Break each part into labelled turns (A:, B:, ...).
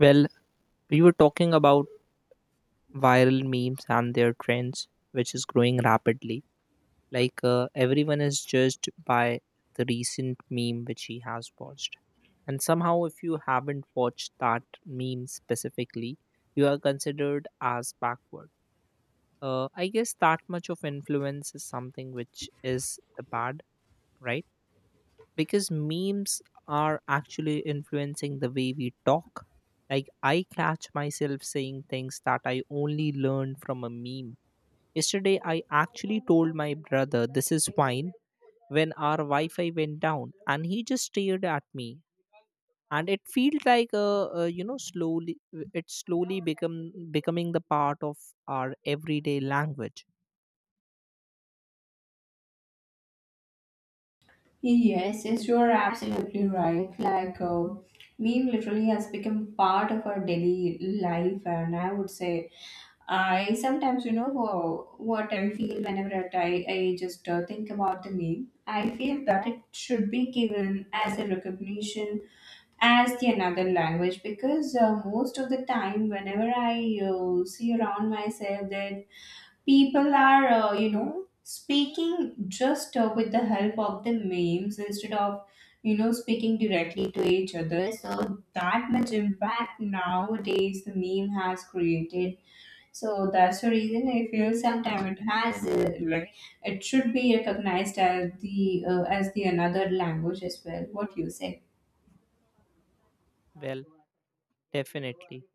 A: Well, we were talking about viral memes and their trends, which is growing rapidly. Like, everyone is judged by the recent meme which he has watched. And somehow, if you haven't watched that meme specifically, you are considered as backward. I guess that much of influence is something which is the bad, right? Because memes are actually influencing the way we talk. Like, I catch myself saying things that I only learned from a meme. Yesterday, I actually told my brother, "This is fine," when our Wi Fi went down, and he just stared at me. And it felt like, slowly, it's slowly become becoming the part of our everyday language.
B: Yes, yes, you are absolutely right. Meme literally has become part of our daily life, and I would say, I sometimes, what I feel whenever I just think about the meme, I feel that it should be given as a recognition as the another language because most of the time, whenever I see around myself that people are speaking just with the help of the memes instead of you know speaking directly to each other, so that much impact nowadays the meme has created. So that's the reason I feel sometimes it has like it should be recognized as the another language as well, what you say.
A: Well, definitely.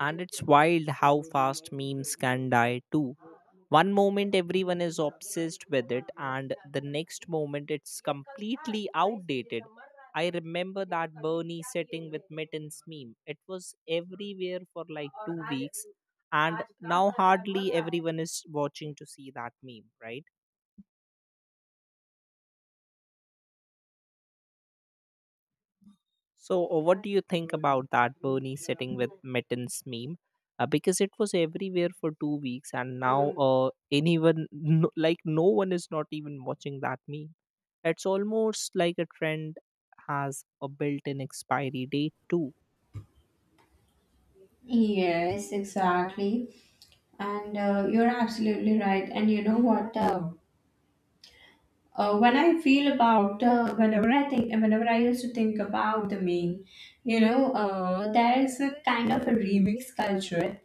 A: And it's wild how fast memes can die too. One moment everyone is obsessed with it, and the next moment it's completely outdated. I remember that Bernie setting with mittens meme. It was everywhere for like 2 weeks, and now hardly everyone is watching to see that meme, right? So, what do you think about that Bernie sitting with Mittens meme? Because it was everywhere for 2 weeks, and now anyone, no, like no one is not even watching that meme. It's almost like a trend has a built-in expiry date too.
B: Yes, exactly. And you're absolutely right. And you know what, when I feel about whenever I think, whenever I used to think about the meme, you know, there is a kind of a remix culture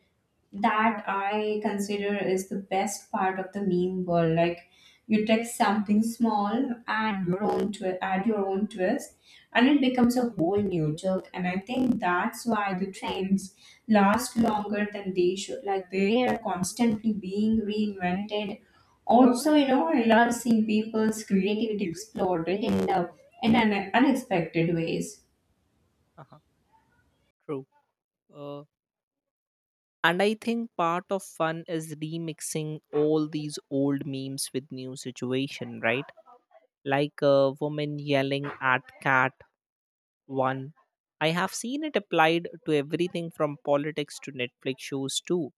B: that I consider is the best part of the meme world. Like you text something small and your own add your own twist, and it becomes a whole new joke. And I think that's why the trends last longer than they should. Like they are constantly being reinvented. Also, you know, I love seeing people's creativity exploded in the in an unexpected ways.
A: Uh-huh, true. Uh, And I think part of fun is remixing all these old memes with new situation, right? Like a woman yelling at cat one. I have seen it applied to everything from politics to Netflix shows too.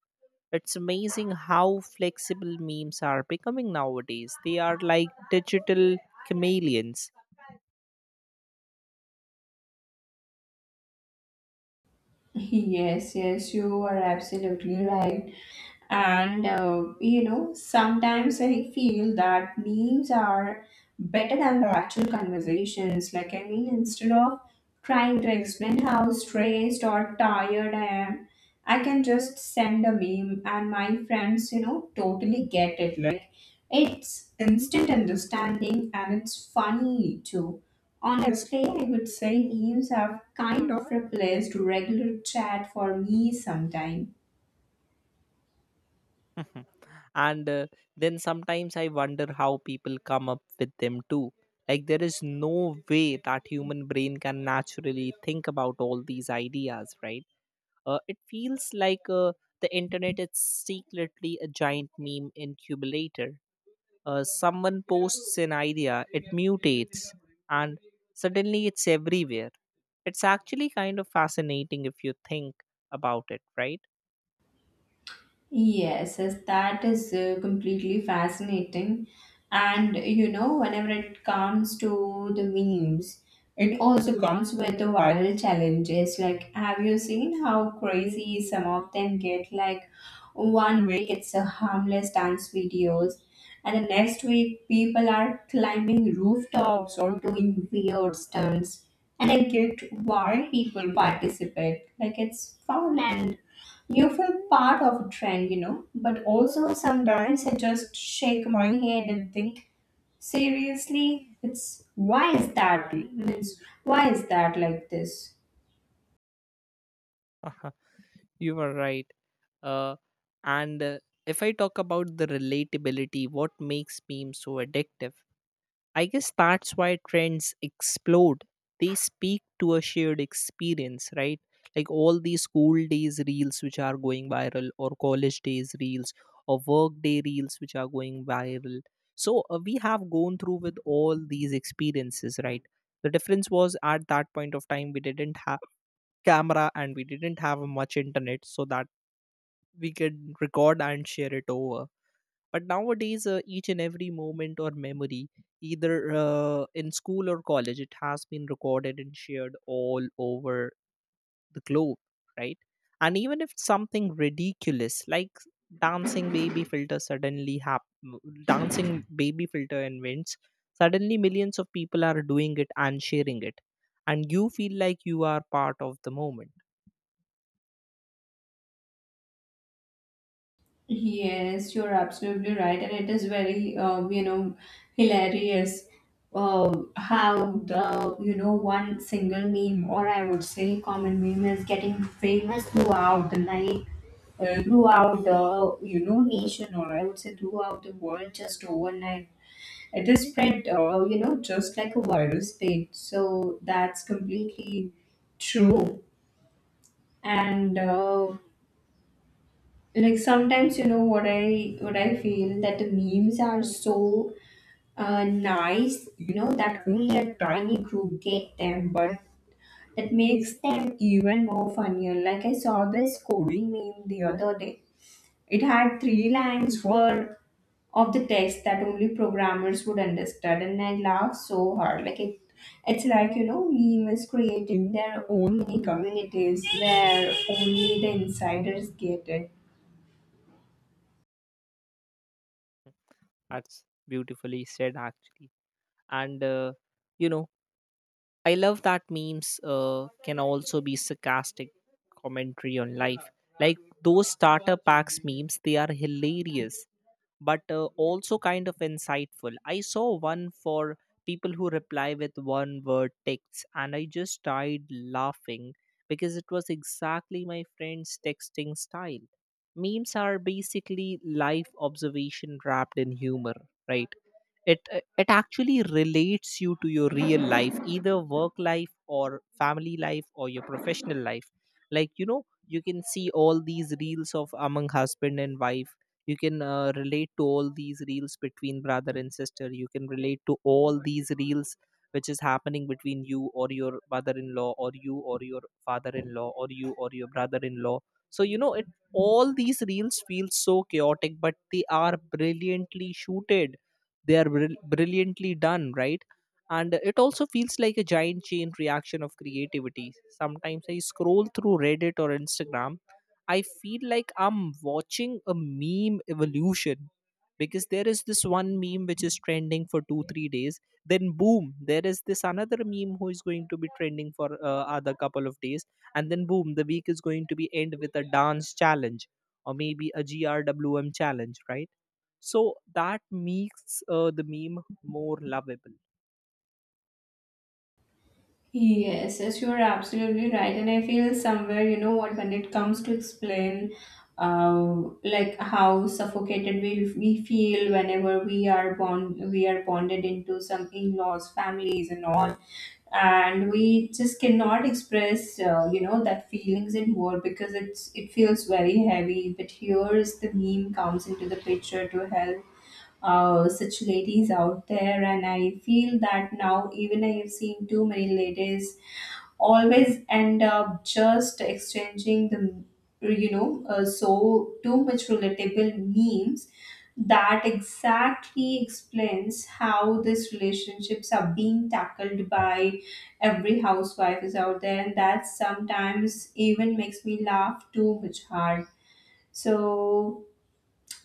A: It's amazing how flexible memes are becoming nowadays. They are like digital chameleons.
B: Yes, yes, you are absolutely right. And you know, sometimes I feel that memes are better than the actual conversations. Like, I mean, instead of trying to explain how stressed or tired I am, I can just send a meme, and my friends, you know, totally get it. Like, it's instant understanding and it's funny too. Honestly, I would say memes have kind of replaced regular chat for me sometimes.
A: And then sometimes I wonder how people come up with them too. Like there is no way that human brain can naturally think about all these ideas, right? It feels like the internet is secretly a giant meme incubator. Someone posts an idea, it mutates, and suddenly it's everywhere. It's actually kind of fascinating if you think about it, right?
B: Yes, yes, that is completely fascinating. And you know, whenever it comes to the memes, it also comes with the viral challenges. Like, have you seen how crazy some of them get? Like, one week it's a harmless dance videos, and the next week people are climbing rooftops or doing weird stunts. And I get why people participate. Like, it's fun and you feel part of a trend, you know, but also sometimes I just shake my head and think, seriously, it's why is that? Means why is that like this?
A: You are right. Uh, and If I talk about the relatability, what makes memes so addictive? I guess that's why trends explode. They speak to a shared experience, right? Like all these school days reels which are going viral, or college days reels, or work day reels which are going viral. So we have gone through with all these experiences, right? The difference was at that point of time we didn't have camera and we didn't have much internet, so that we can record and share it over, but nowadays each and every moment or memory, either in school or college, it has been recorded and shared all over the globe, right? And even if something ridiculous like dancing baby filter suddenly hap- dancing baby filter invents, suddenly millions of people are doing it and sharing it. And you feel like you are part of the moment.
B: Yes, you're absolutely right, and it is very, hilarious how the, you know, one single meme, or I would say common meme, is getting famous throughout the night, throughout the, you know, nation, or I would say throughout the world just overnight. It is spread, you know, just like a virus spread. So that's completely true. And like sometimes, you know, what I feel that the memes are so nice, you know, that only a tiny group get them, but it makes them even more funnier. Like I saw this coding meme the other day. It had three lines worth of the text that only programmers would understand, and I laughed so hard. Like it, it's like you know, memes creating their own mini communities where only the insiders get it.
A: That's beautifully said, actually. And, you know, I love that memes can also be sarcastic commentary on life. Like those starter packs memes, they are hilarious, but also kind of insightful. I saw one for people who reply with one word texts, and I just died laughing because it was exactly my friend's texting style. Memes are basically life observation wrapped in humor, right? It actually relates you to your real life, either work life or family life or your professional life. Like you know, you can see all these reels of among husband and wife, you can relate to all these reels between brother and sister, you can relate to all these reels which is happening between you or your mother-in-law or you or your father-in-law or you or your brother-in-law. So you know, it, all these reels feel so chaotic, but they are brilliantly shooted, they are brilliantly done, right? And it also feels like a giant chain reaction of creativity. Sometimes I scroll through Reddit or Instagram, I feel like I'm watching a meme evolution, because there is this one meme which is trending for 2 3 days, then boom, there is this another meme who is going to be trending for other couple of days, and then boom, the week is going to be end with a dance challenge, or maybe a GRWM challenge, right? So that makes the meme more lovable.
B: Yes, yes, you are absolutely right. And I feel somewhere, you know what, when it comes to explain uh, like how suffocated we feel whenever we are bonded into some in-laws, families and all. And we just cannot express, you know, that feelings in word because it feels very heavy. But here is the meme comes into the picture to help such ladies out there. And I feel that now even I have seen too many ladies always end up just exchanging the you know so too much relatable memes that exactly explains how these relationships are being tackled by every housewife is out there, and that sometimes even makes me laugh too much hard, so.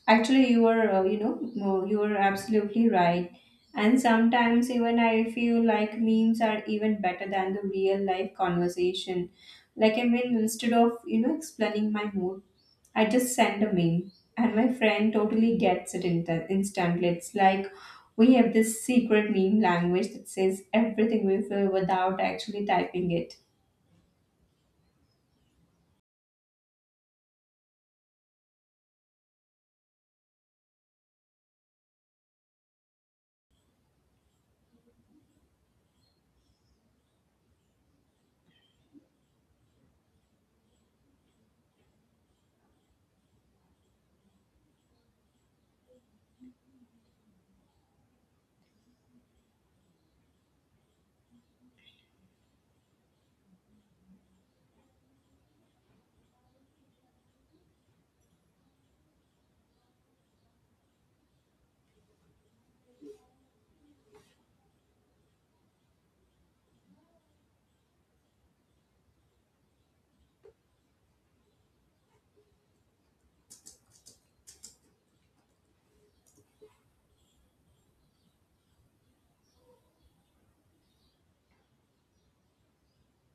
B: Actually, you are you know, no, you are absolutely right. And sometimes even I feel like memes are even better than the real life conversation. Like, I mean, instead of, you know, explaining my mood, I just send a meme. And my friend totally gets it in instantly. It's like we have this secret meme language that says everything we feel without actually typing it.